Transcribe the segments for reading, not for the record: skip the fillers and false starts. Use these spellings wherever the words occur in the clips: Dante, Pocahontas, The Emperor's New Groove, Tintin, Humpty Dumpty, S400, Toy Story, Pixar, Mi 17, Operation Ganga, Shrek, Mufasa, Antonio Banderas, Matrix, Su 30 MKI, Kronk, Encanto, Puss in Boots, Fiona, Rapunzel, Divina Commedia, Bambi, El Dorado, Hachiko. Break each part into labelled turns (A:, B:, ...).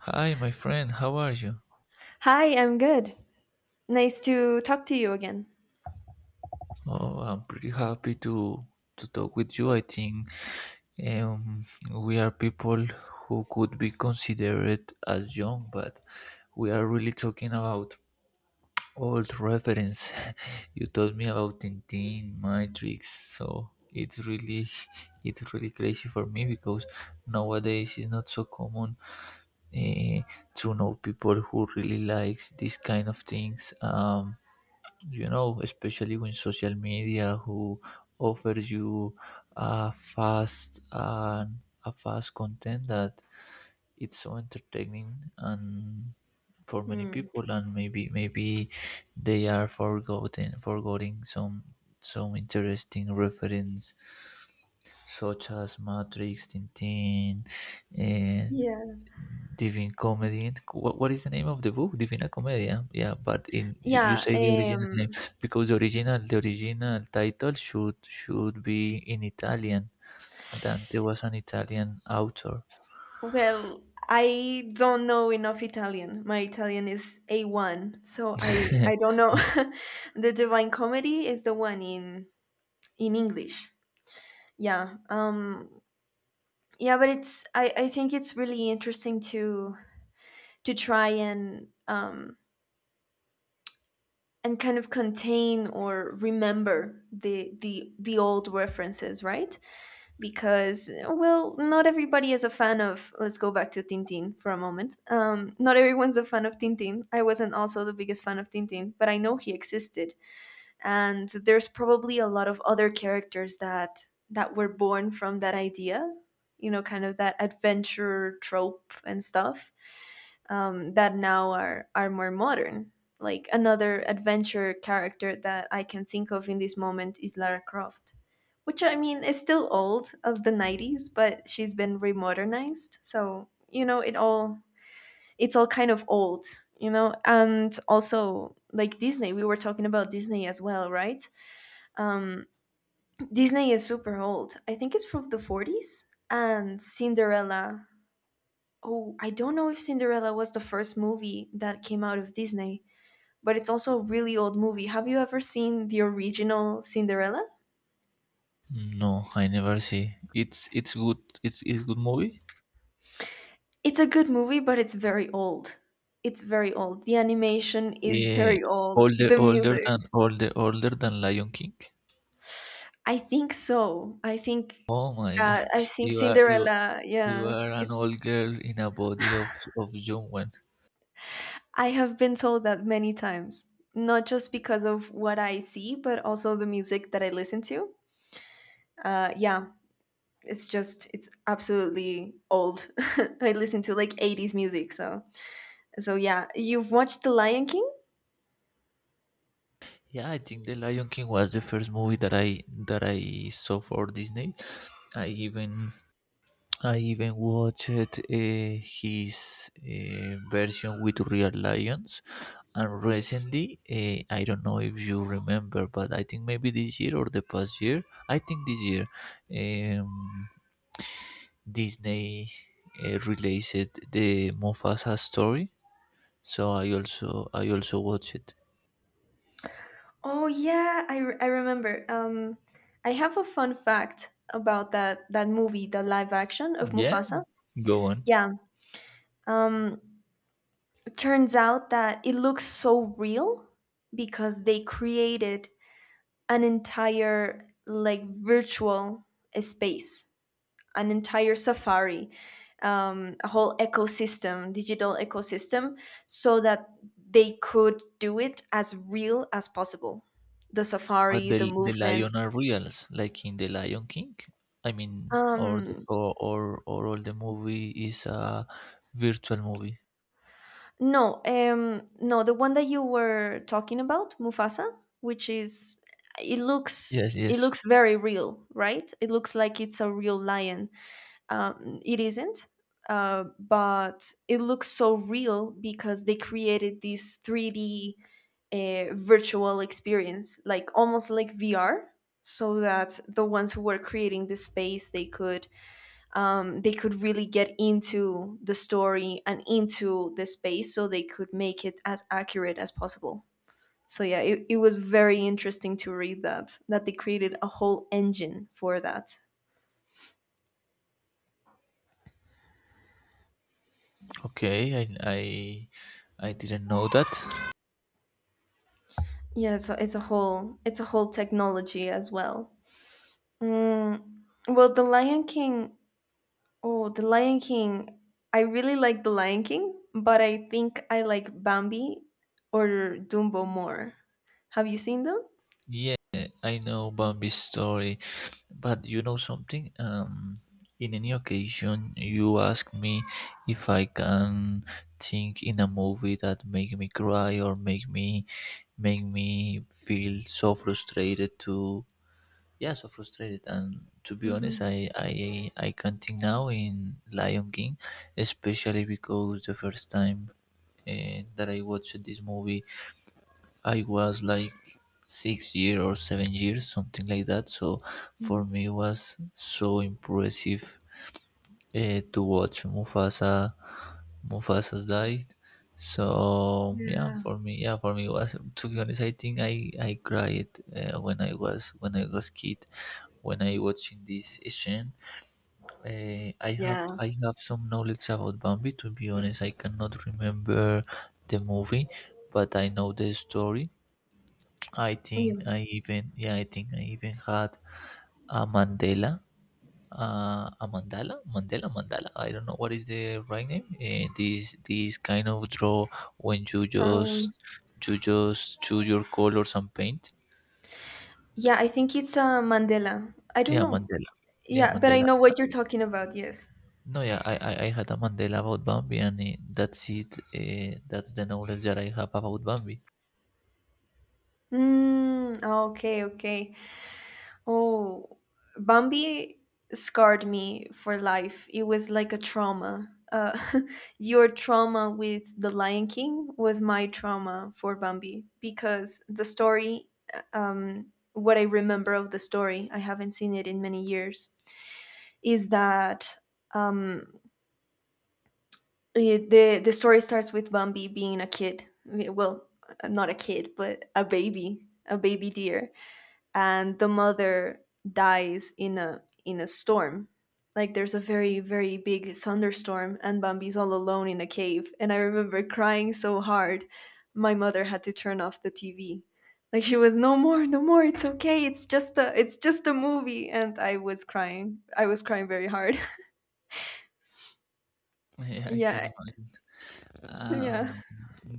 A: Hi, my friend. How are you?
B: Hi, I'm good. Nice to talk to you again.
A: Oh, I'm pretty happy to talk with you. I think um, we are people who could be considered as young, but we are really talking about old reference. You told me about Tintin, Matrix, so it's really it's really crazy for me because nowadays it's not so common uh, to know people who really likes these kind of things. Especially with social media who offers you a fast and a fast content that it's so entertaining and for many
B: Mm.
A: people, and maybe they are forgotten forgetting some interesting reference such as Matrix, Tintin, eh,
B: Yeah.
A: Divine Comedian. What is the name of the book? Divina Commedia. Yeah, but you
B: Yeah,
A: say the original name
B: um,
A: because the original title should be in Italian. Dante was an Italian author.
B: well, I don't know enough Italian. My Italian is A1, so I don't know.
A: Because-
B: The Divine Comedy is the one in English. Yeah. Yeah, but it's I think it's really interesting to try and kind of contain or remember the old references, right? Because well, not everybody is a fan of, let's go back to Tintin for a moment. Not everyone's a fan of Tintin. I wasn't also the biggest fan of Tintin, but I know he existed, and there's probably a lot of other characters that were born from that idea, you know, kind of that adventure trope and stuff, that now are more modern. Like, another adventure character that I can think of in this moment is Lara Croft, which, I mean, is still old, of the '90s, but she's been remodernized. So, you know, it's all kind of old, you know. And also, like Disney, we were talking about Disney as well, right? Um, Disney is super old. I think it's from the 40s, and Cinderella. Oh, I don't know if Cinderella was the first movie that came out of Disney, but it's also a really old movie. Have you ever seen the original Cinderella?
A: no, I never see. It's good. It's good movie.
B: It's a good movie, but it's very old. It's very old. The animation is
A: Yeah,
B: very old.
A: older
B: The
A: older
B: music.
A: than older older than Lion King.
B: I think so. I think
A: Oh my God,
B: uh, I think
A: you are you
B: Cinderella,
A: you
B: yeah.
A: are an
B: It,
A: old girl in a body of young one.
B: I have been told that many times, not just because of what I see, but also the music that I listen to. Yeah, it's absolutely old. I listen to like 80s music, so yeah. You've watched The Lion King?
A: Yeah, I think The Lion King was the first movie that I saw for Disney. I even I even watched his version with real lions, and recently I don't know if you remember, but I think maybe this year or the past year. I think this year, um, Disney released the Mufasa story. So I also watched it.
B: Oh yeah, I remember. I have a fun fact about that movie, the live action of
A: Yeah,
B: Mufasa.
A: go on.
B: Yeah. Um it turns out that it looks so real because they created an entire, like, virtual space, an entire safari, a whole ecosystem, digital ecosystem, so that they could do it as real as possible. The
A: But
B: safari, the
A: the
B: movement.
A: lion are reals, like in the Lion King. I mean, or the,
B: Um,
A: or, or or all the movie is a virtual movie.
B: no, no, the one that you were talking about, Mufasa, which is, it looks
A: Yes,
B: it
A: yes.
B: looks very real, right? It looks like it's a real lion. It isn't. But it looks so real because they created this 3D, virtual experience, like almost like vr, so that the ones who were creating the space, they could, they could really get into the story and into the space, so they could make it as accurate as possible. So yeah, it was very interesting to read that they created a whole engine for that.
A: Okay, I didn't know that.
B: Yeah, so it's a whole technology as well. Mm, well, The Lion King. Oh, The Lion King. I really like The Lion King, but I think I like Bambi or Dumbo more. Have you seen them?
A: Yeah, I know Bambi's story, but you know something? In any occasion, you ask me if I can think in a movie that make me cry or make me feel so frustrated to, yeah, so frustrated, and to be honest,
B: Mm-hmm.
A: I can't think now in Lion King, especially because the first time that I watched this movie, I was like 6 year or 7 years something like that. So for me it was so impressive to watch Mufasa's died. So yeah,
B: Yeah.
A: for me, yeah, for me it was, to be honest, I think I cried when I was kid when I watching this scene. I have
B: Yeah.
A: I have some knowledge about Bambi. To be honest, I cannot remember the movie, but I know the story.
B: Yeah.
A: I think I even had a Mandela. A mandala. I don't know what is the right name. This These kind of draw when you just
B: Um,
A: you just choose your colors and paint.
B: yeah, I think it's, Mandela. I don't
A: Yeah,
B: know.
A: mandala. Yeah,
B: Yeah, but I
A: mandala.
B: know what you're talking about. Yes.
A: No, yeah, I had a Mandela about Bambi, and that's it. That's the knowledge that I have about Bambi.
B: Mm, okay, okay. Oh, Bambi scarred me for life. It was like a trauma. Your trauma with The Lion King was my trauma for Bambi because the story, um, what I remember of the story, I haven't seen it in many years, is that, um, the story starts with Bambi being a kid. Well, not a kid, but a baby deer, and the mother dies in a storm. Like, there's a very big thunderstorm, and Bambi's all alone in a cave, and I remember crying so hard my mother had to turn off the TV. Like, she was, no more, it's okay, it's just a, movie, and I was crying. I was crying very hard.
A: Yeah, I can
B: Yeah.
A: imagine.
B: Yeah.
A: Um,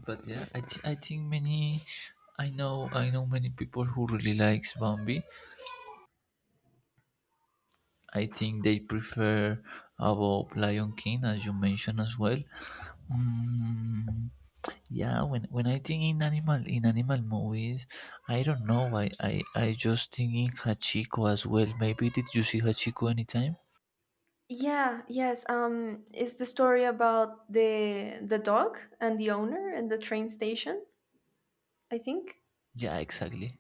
A: but yeah, I think many, I know many people who really likes Bambi. I think they prefer about Lion King, as you mentioned as well. Mm, yeah, when I think in animal movies, I don't know. I just think in Hachiko as well. Maybe did you see Hachiko anytime?
B: Yeah, yes. It's the story about the dog and the owner and the train station, I think.
A: Yeah, exactly.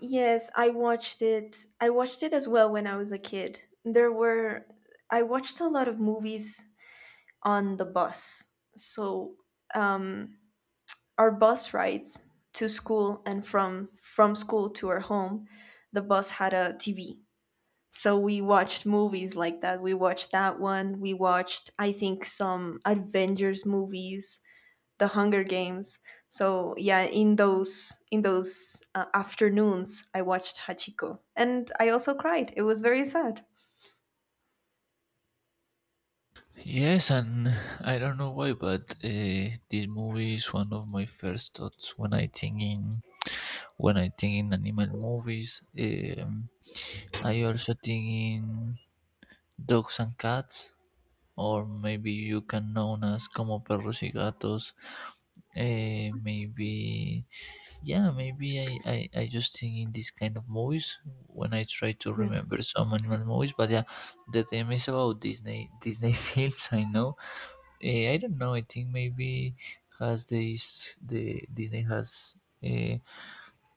B: Yes, I watched it. I watched it as well when I was a kid. I watched a lot of movies on the bus. So, um, our bus rides to school and from school to our home, the bus had a TV. So we watched movies like that. We watched that one. We watched, I think, some Avengers movies, the Hunger Games. So yeah, in those, afternoons, I watched Hachiko, and I also cried. It was very sad.
A: Yes, and I don't know why, but this movie is one of my first thoughts when I think in animal movies. I also think in dogs and cats, or maybe you can known as como perros y gatos. Maybe, yeah, maybe I just think in this kind of movies when I try to
B: Yeah.
A: remember some animal movies. But yeah, the theme is about Disney films. I know. I don't know. I think maybe has this the Disney has uh,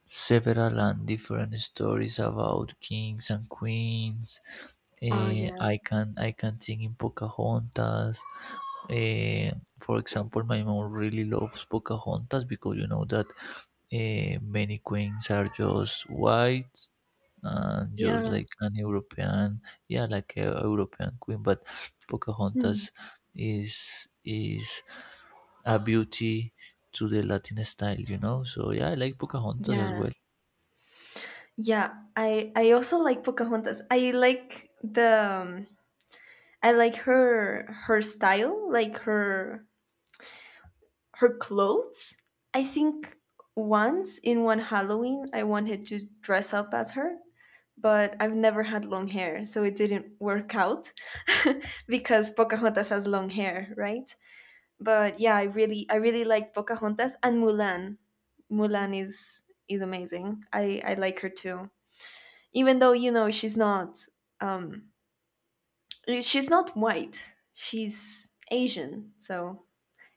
A: several and different stories about kings and queens.
B: Oh yeah.
A: I can think in Pocahontas. Eh, for example, my mom really loves Pocahontas because you know that many queens are just white and just
B: Yeah.
A: like an European, yeah, like a European queen. But
B: Hmm.
A: Pocahontas is a beauty to the Latin style. So yeah, I like Pocahontas as
B: Yeah.
A: well.
B: Yeah. I also like Pocahontas. I like the, I like her style, like her clothes. I think once in one Halloween, I wanted to dress up as her, but I've never had long hair, so it didn't work out. Because Pocahontas has long hair, right? But yeah, I really, I really like Pocahontas and Mulan. Mulan is amazing. I like her too. Even though, you know, she's not, um she's not white. She's Asian. So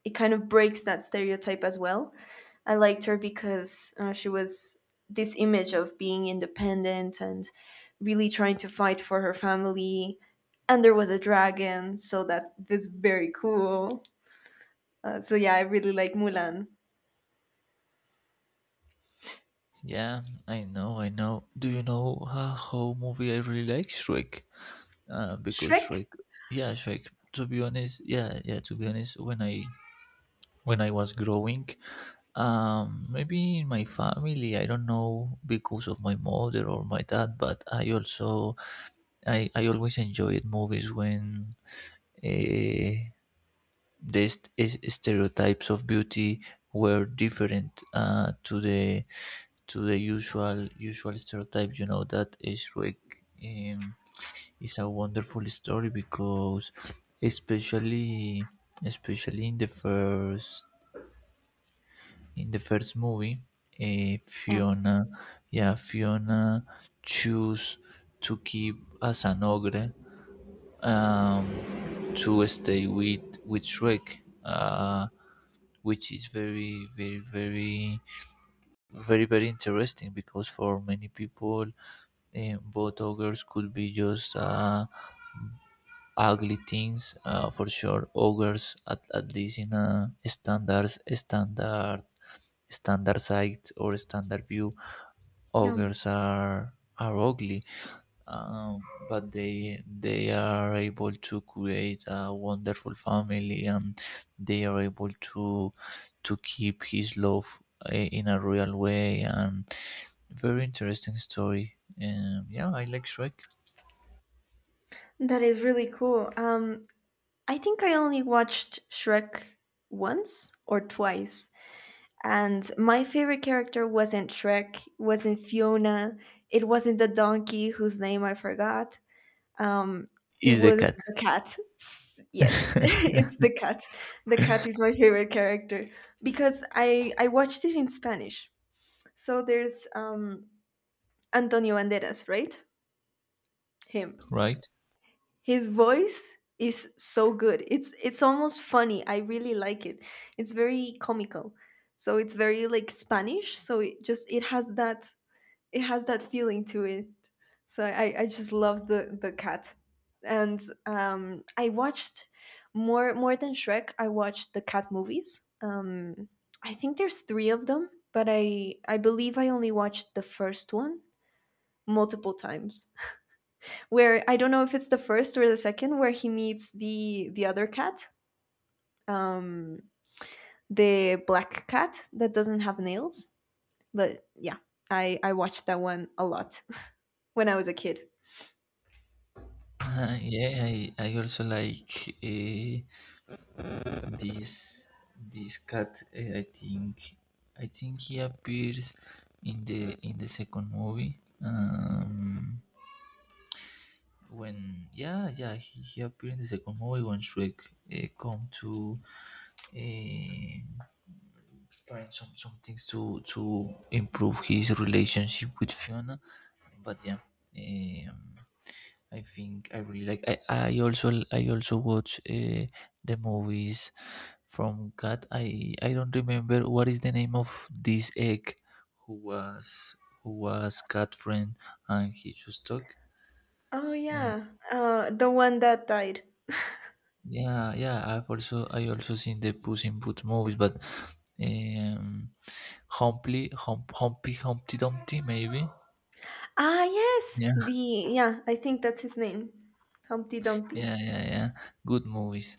B: it kind of breaks that stereotype as well. I liked her because, she was this image of being independent and really trying to fight for her family. And there was a dragon, so that was very cool. So yeah, I really like Mulan.
A: Yeah, I know, I know. Do you know how movie I really like? Shrek. Because
B: Shrek?
A: Shrek, yeah, Shrek. To be honest, yeah, yeah. To be honest, when I was growing, maybe in my family, I don't know because of my mother or my dad, but I also I always enjoyed movies when uh, these stereotypes of beauty were different to the usual stereotype. You know that Shrek um, is a wonderful story because, especially especially in the first movie,
B: Yeah.
A: Fiona, yeah, Fiona choose to keep as an ogre, to stay with Shrek, which is very very very very very interesting because for many people, both ogres could be just ugly things. For sure, ogres at least in a standard sight or standard view,
B: Yeah.
A: ogres are ugly, um, but they are able to create a wonderful family, and they are able to keep his love in a real way, and very interesting story, yeah, I like Shrek.
B: That is really cool. I think I only watched Shrek once or twice. And my favorite character wasn't Shrek, wasn't Fiona, it wasn't the donkey whose name I forgot. Um, it
A: Is the
B: was
A: cat.
B: the cat. Yes, it's the cat. The cat is my favorite character because I watched it in Spanish. So there's, Antonio Banderas, right? Him.
A: Right.
B: His voice is so good. It's almost funny. I really like it. It's very comical. So it's very, like, Spanish. So it has that feeling to it. So I just love the cat, and I watched more than Shrek. I watched the cat movies. I think there's three of them, but I believe I only watched the first one multiple times. Where I don't know if it's the first or the second, where he meets the other cat, um, the black cat that doesn't have nails. But yeah, I watched that one a lot when I was a kid.
A: Yeah, I also like this this cat. I think he appears in the second movie, um when, yeah, yeah, he appeared in the second movie when Shrek come to uh, find some things to improve his relationship with Fiona, but yeah, um, I think I really like I also watch the movies from God, I don't remember what is the name of this egg who was who was cat friend and he just talk.
B: Oh yeah, the one that died.
A: Yeah, yeah. I also seen the Puss in Boots movies, but um, Humpty Dumpty, maybe.
B: Ah yes,
A: Yeah,
B: the yeah, I think that's his name, Humpty Dumpty.
A: yeah, yeah. Yeah. Good movies.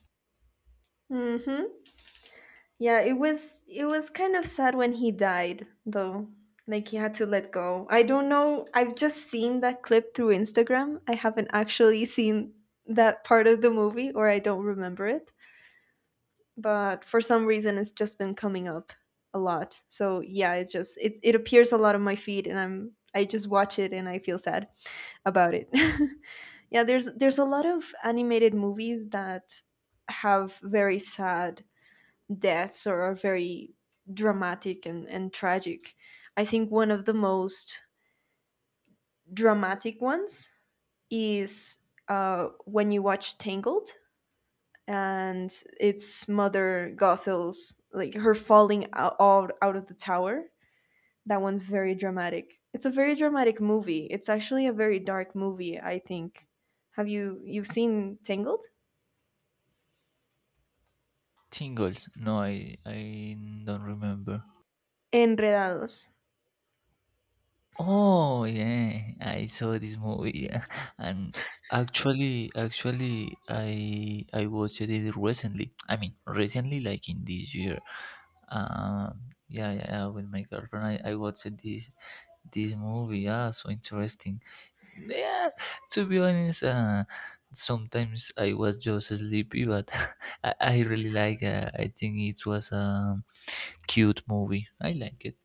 B: Mm-hmm. Yeah, it was, kind of sad when he died though. Like, he had to let go. I don't know. I've just seen that clip through Instagram. I haven't actually seen that part of the movie, or I don't remember it. But for some reason, it's just been coming up a lot. So yeah, it it appears a lot on my feed, and I just watch it and I feel sad about it. Yeah, there's a lot of animated movies that have very sad deaths or are very dramatic and, tragic. I think one of the most dramatic ones is, when you watch Tangled, and it's Mother Gothel's, like, her falling out, out of the tower. That one's very dramatic. It's a very dramatic movie. It's actually a very dark movie, I think. Have you, you've seen Tangled?
A: Tingles. No, I don't remember.
B: Enredados.
A: Oh yeah, I saw this movie, yeah. And actually, I watched it recently. I mean, recently, like in this year. Yeah, yeah, yeah, with my girlfriend, I watched this movie, yeah, so interesting. Yeah, to be honest, sometimes I was just sleepy, but I really like. I think it was a cute movie. I like it.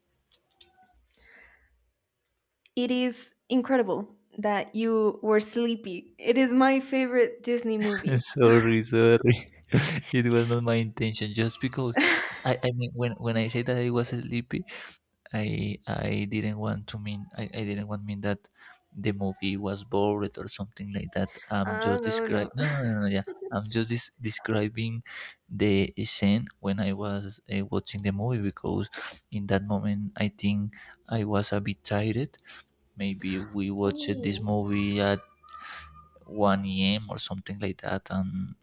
B: It is incredible that you were sleepy. It is my favorite Disney movie.
A: Sorry, sorry. It was not my intention. Just because
B: Ah,
A: I mean, when I say that I was sleepy, I didn't want to mean, I didn't want mean that the movie was bored or something like that. I'm just
B: no
A: describing.
B: no.
A: No, no, no, no. Yeah. I'm just describing the scene when I was watching the movie because in that moment I think I was a bit tired. Maybe we watched this
B: Oh.
A: movie at 1 a.m. or something like that, and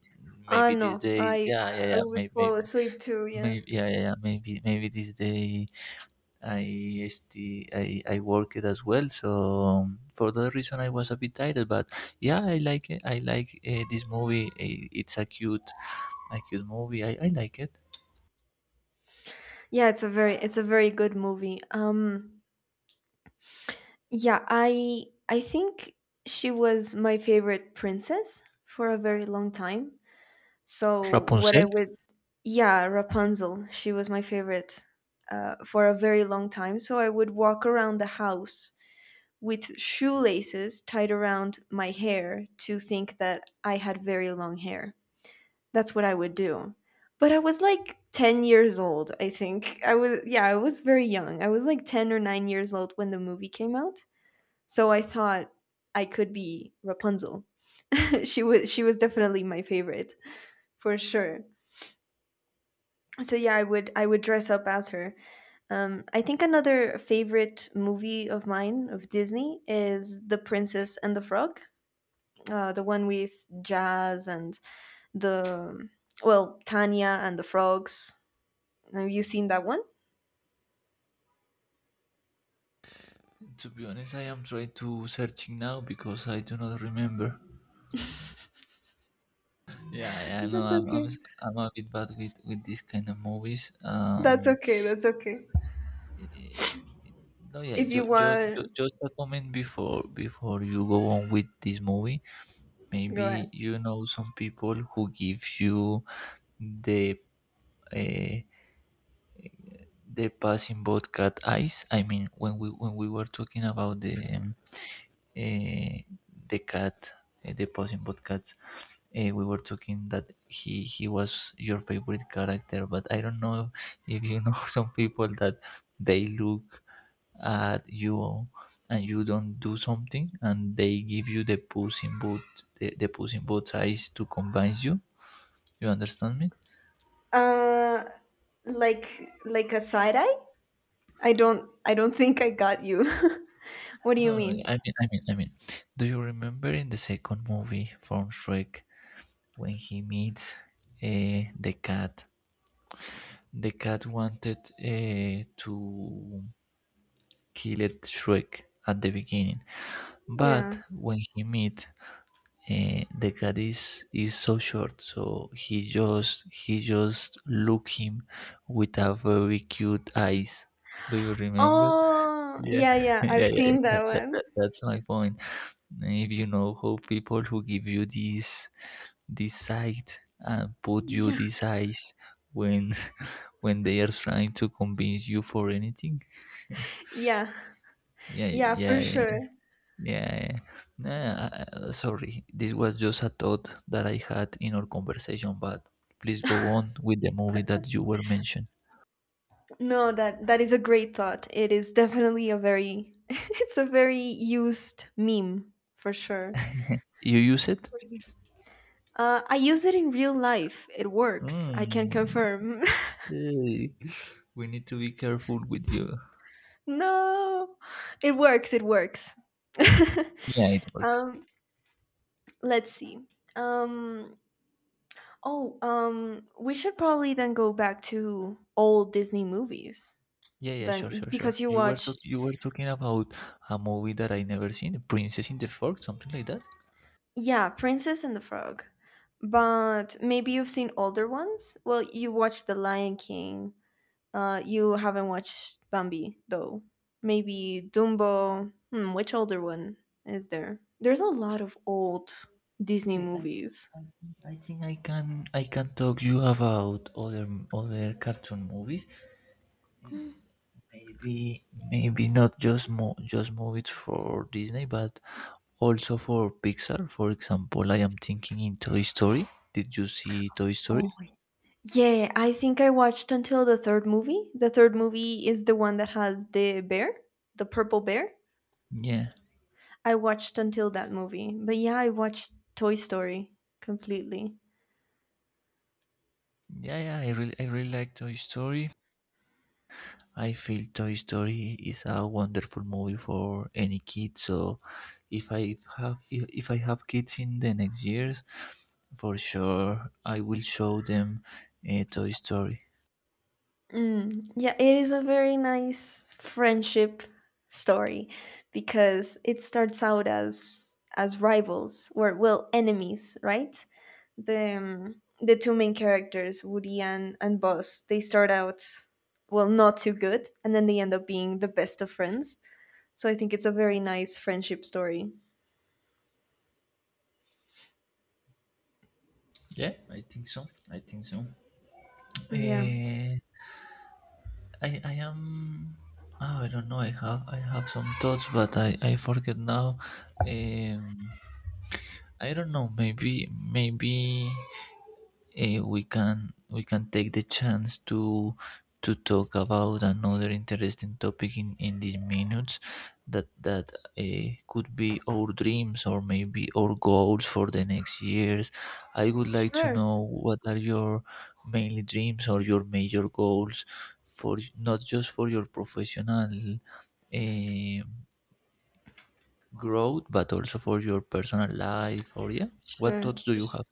B: Ah,
A: maybe this
B: no.
A: day, yeah, yeah,
B: I
A: yeah,
B: would
A: maybe
B: fall
A: maybe
B: asleep too, yeah.
A: maybe yeah, yeah, yeah, maybe, this day I still I worked as well. So for that reason, I was a bit tired. But yeah, I like it. I like this movie. It's a cute movie. I like it.
B: Yeah, it's a very, good movie. Yeah, I think she was my favorite princess for a very long time. So what I
A: Rapunzel?
B: would, yeah, Rapunzel. She was my favorite, for a very long time. So I would walk around the house with shoelaces tied around my hair to think that I had very long hair. That's what I would do. But I was like 10 years old, I think. I was, yeah, I was very young. I was like 10 or 9 years old when the movie came out. So I thought I could be Rapunzel. She was, definitely my favorite for sure. So yeah, I would dress up as her. I think another favorite movie of mine of Disney is The Princess and the Frog, the one with jazz and the, well, Tanya and the frogs. Have you seen that one?
A: To be honest, I am trying to searching now because I do not remember. Yeah, I know
B: that's
A: I'm I'm,
B: okay
A: s- I'm a bit bad with this kind of movies.
B: that's okay that's okay.
A: Eh, no, yeah,
B: If you
A: just just
B: want,
A: just a comment before you go on with this movie.
B: go
A: Maybe
B: ahead.
A: you know some people who give you the uh, the passing cat eyes, I mean, when we were talking about uh, the cat, the passing podcast, we were talking that he was your favorite character, but I don't know if you know, some people that they look at you and you don't do something and they give you the puss in boot, the puss in boot eyes to convince you. You understand me?
B: uh like a side eye. I don't think I got you. What do you
A: No, no, I mean,
B: mean?
A: I mean, I mean. Do you remember in the second movie from Shrek when he meets the cat? The cat wanted to kill it Shrek at the beginning,
B: Yeah.
A: but when he meet the cat is so short, so he just look him with a very cute eyes. Do you remember?
B: Oh,
A: Yeah,
B: yeah, yeah.
A: yeah,
B: I've
A: yeah. Yeah.
B: seen that one.
A: That's my point. If you know how people who give you this sight and put you
B: Yeah,
A: these eyes when when they are trying to convince you for anything.
B: yeah,
A: Yeah,
B: yeah,
A: yeah,
B: for
A: yeah,
B: sure.
A: yeah. Yeah. Nah, sorry, this was just a thought that I had in our conversation, but please go on with the movie that you were mentioned.
B: No, that is a great thought. It is definitely a very, it's a very used meme for sure.
A: You use it.
B: I use it in real life. It works. I can
A: Mm,
B: confirm.
A: eh, we need to be careful with you.
B: No, it works. It works.
A: Yeah, it works.
B: um, let's see. Um, oh, we should probably then go back to old Disney movies
A: Yeah, yeah,
B: then
A: sure, sure, sure.
B: because you watched.
A: You were talking about a movie that I never seen, Princess in the Fork, something like that.
B: Yeah, Princess and the Frog. But maybe you've seen older ones? Well, you watched The Lion King. You haven't watched Bambi, though. Maybe Dumbo. Hmm, which older one is there? There's a lot of old Disney
A: Okay,
B: movies.
A: I think I can talk you about other cartoon movies. Eh, Maybe maybe not just movies for Disney, but also for Pixar. For example, I am thinking in Toy Story. Did you see Toy
B: Oh,
A: Story?
B: yeah. I think I watched until the third movie. The third movie is the one that has the bear, the purple bear.
A: Yeah.
B: I watched until that movie. But yeah, I watched Toy Story completely.
A: Yeah, yeah, I really like Toy Story. I feel Toy Story is a wonderful movie for any kid. So if I have kids in the next years, for sure I will show them a Toy Story.
B: Mm, yeah, it is a very nice friendship story because it starts out as rivals or well enemies, right? The two main characters, Woody and Buzz, they start out well not too good, and then they end up being the best of friends. So I think it's a very nice friendship story.
A: Yeah, I think so. I think so.
B: Yeah,
A: Uh, I am. Oh, I don't know. I have some thoughts, but I forget now. Um, I don't know. Maybe we can take the chance to talk about another interesting topic in these minutes that could be our dreams or maybe our goals for the next years. I would like to
B: sure,
A: know what are your mainly dreams or your major goals for, not just for your professional, eh, growth, but also for your personal life. Or yeah, what
B: sure,
A: thoughts do you have?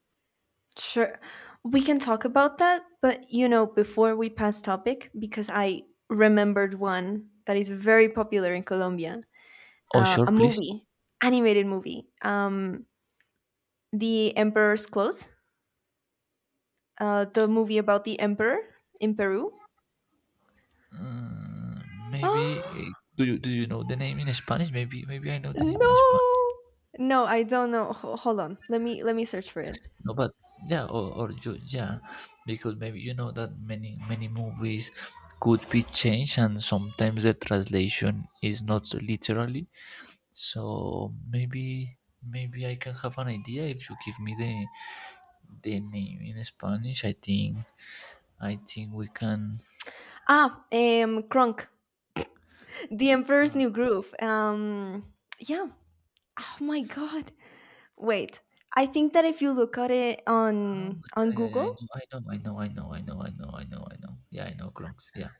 B: sure. We can talk about that, but you know, before we pass topic, because I remembered one that is very popular in Colombia,
A: Oh, sure,
B: a
A: please.
B: movie, animated movie, The Emperor's Clothes, the movie about the emperor in Peru.
A: Uh, maybe do you know the name in Spanish? Maybe maybe I know the name in
B: no,
A: Spanish.
B: no, I don't know. Hold on, let me search for it.
A: No, but yeah, or you, yeah, because maybe you know that many movies could be changed, and sometimes the translation is not literally. So maybe maybe I can have an idea if you give me the name in Spanish. I think we can.
B: Kronk, The Emperor's
A: Cro-
B: New Groove. Yeah. Oh my god. Wait, I think that if you look at it
A: ah,
B: on
A: Yeah, yeah, yeah.
B: Google,
A: I know, I know, I know, I know, I know, I know, I know. I know. Yeah, I know Gronks. Yeah.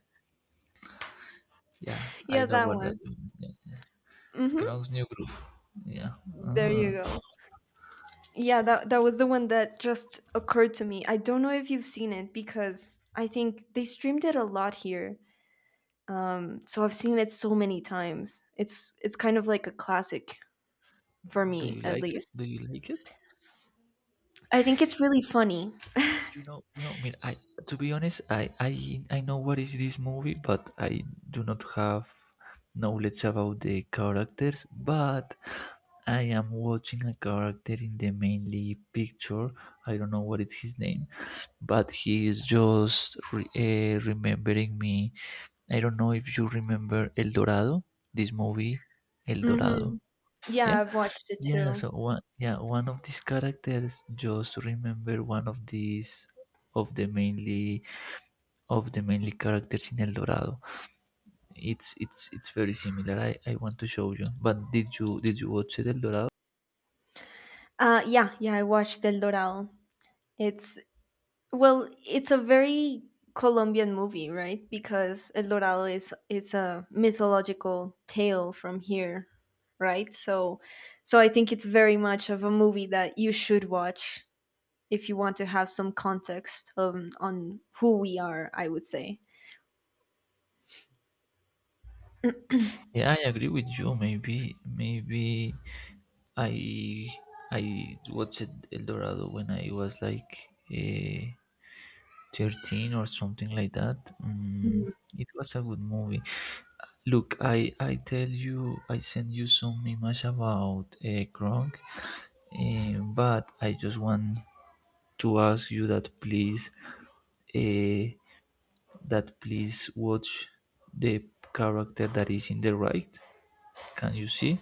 A: Yeah, I
B: yeah,
A: know
B: that
A: what that
B: one.
A: means. Yeah.
B: Mhm.
A: Canucks new groove. Yeah.
B: There you
A: Ah.
B: go. Yeah, that was the one that just occurred to me. I don't know if you've seen it because I think they streamed it a lot here. So I've seen it so many times. It's kind of like a classic for
A: Do you
B: me, at
A: like it?
B: least.
A: Do you like it?
B: I think it's really funny.
A: You know, you know. I, to be honest, I know what is this movie, but I do not have knowledge about the characters. But I am watching a character in the mainly picture. I don't know what is his name, but he is just remembering me. I don't know if you remember El Dorado. This movie, El Dorado.
B: Mhm.
A: Yeah,
B: Yeah, I've watched it
A: yeah.
B: too.
A: So one, yeah, one of these characters just remember one of these of the mainly of the mainly characters in El Dorado. It's very similar. I want to show you. But did you watch it, El Dorado?
B: Yeah, yeah, I watched El Doral. It's well, it's a very Colombian movie, right? Because El Dorado is it's a mythological tale from here, right? So I think it's very much of a movie that you should watch if you want to have some context on who we are, I would say.
A: Yeah, I agree with you. Maybe maybe I I watched El Dorado when I was like 13 or something like that. Mm,
B: Mhm.
A: it was a good movie. Look, I tell you, I send you some image about Gronk, but I just want to ask you that, please, uh, that please watch the character that is in the right. Can you see?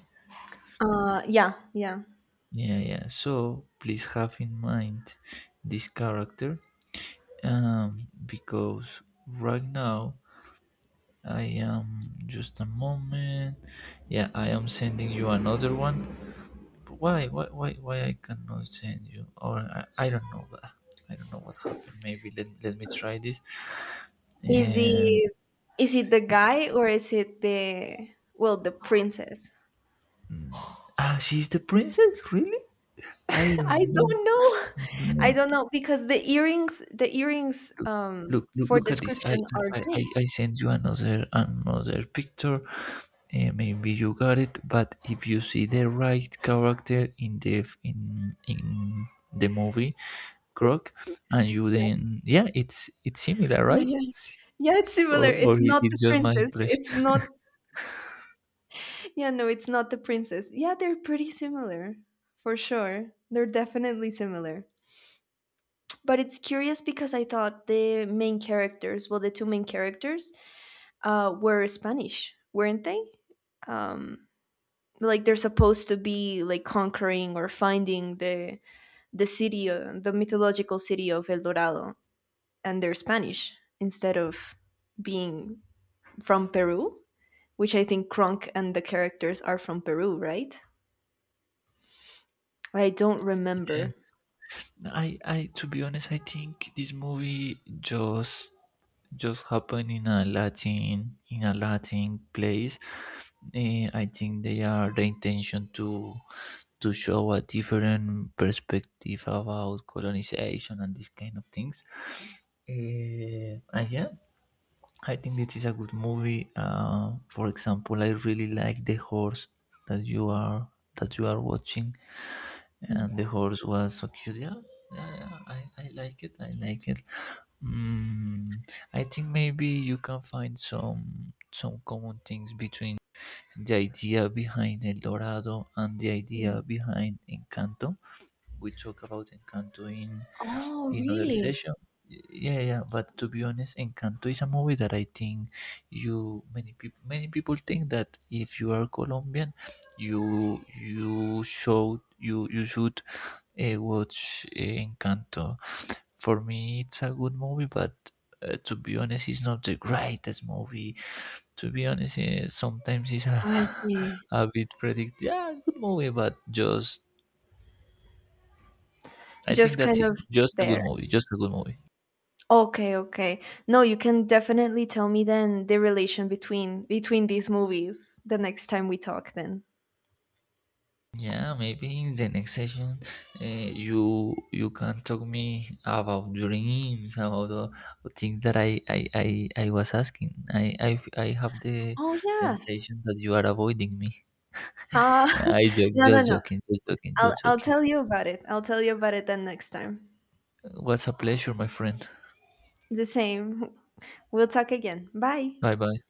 B: Yeah, yeah.
A: Yeah, yeah. So please have in mind this character, um, because right now I am just a moment. Yeah, I am sending you another one. Why I cannot send you. Or I don't know what. I don't know what happened. Maybe let me try this.
B: Is
A: And
B: it is it the guy or is it the well, the princess?
A: ah, she's the princess, really? I don't
B: I
A: know.
B: don't know.
A: No,
B: I
A: no.
B: don't know because the earrings, the earrings,
A: Look,
B: um, for
A: look at this. I
B: description are
A: I, I
B: jade.
A: I send you another picture and maybe you got it. But if you see the right character in the in the movie Croc, and you, then yeah, it's similar,
B: Yeah,
A: right?
B: yeah, yeah. It's
A: Or
B: similar. It's not the
A: it's just my
B: princess.
A: impression.
B: It's not. Yeah, no, it's not the princess. Yeah, they're pretty similar for sure. They're definitely similar. But it's curious because I thought the main characters, well, the two main characters, were Spanish, weren't they? Um, like they're supposed to be like conquering or finding the city, the mythological city of El Dorado, and they're Spanish instead of being from Peru, which I think Kronk and the characters are from Peru, right? I don't
A: Yeah,
B: remember.
A: I, to be honest, I think this movie just happened in a Latin, in a Latin place. I think they are the intention to show a different perspective about colonization and these kind of things. And yeah, I think this is a good movie. For example, I really like the horse that you are, that you are watching, and
B: Mm.
A: the horse was so cute. Yeah, yeah, yeah. I like it. I like it. Mm, I think maybe you can find some common things between the idea behind El Dorado and the
B: Yeah.
A: idea behind Encanto. We talk about Encanto
B: Oh,
A: in other
B: really?
A: session. Yeah, yeah. But to be honest, Encanto is a movie that I think you, many people think that if you are Colombian, you should watch Encanto. For me, it's a good movie, but to be honest, it's not the greatest movie. To be honest, sometimes it's a,
B: I see.
A: a bit predict. Yeah, good movie, but just I think
B: Just
A: that's
B: kind
A: it.
B: of
A: Just a good
B: there.
A: movie. Just a good movie.
B: Okay, okay. No, you can definitely tell me then the relation between these movies the next time we talk then.
A: Yeah, maybe in the next session, you can talk me about dreams, about the things that I was asking. I have the
B: Oh, yeah.
A: sensation that you are avoiding me.
B: Ah,
A: I joke,
B: no, no,
A: just
B: no.
A: joking, just joking,
B: I'll
A: just
B: I'll
A: joking.
B: tell you about it. I'll tell you about it then next time.
A: It was a pleasure, my friend.
B: The same. We'll talk again. Bye.
A: Bye bye.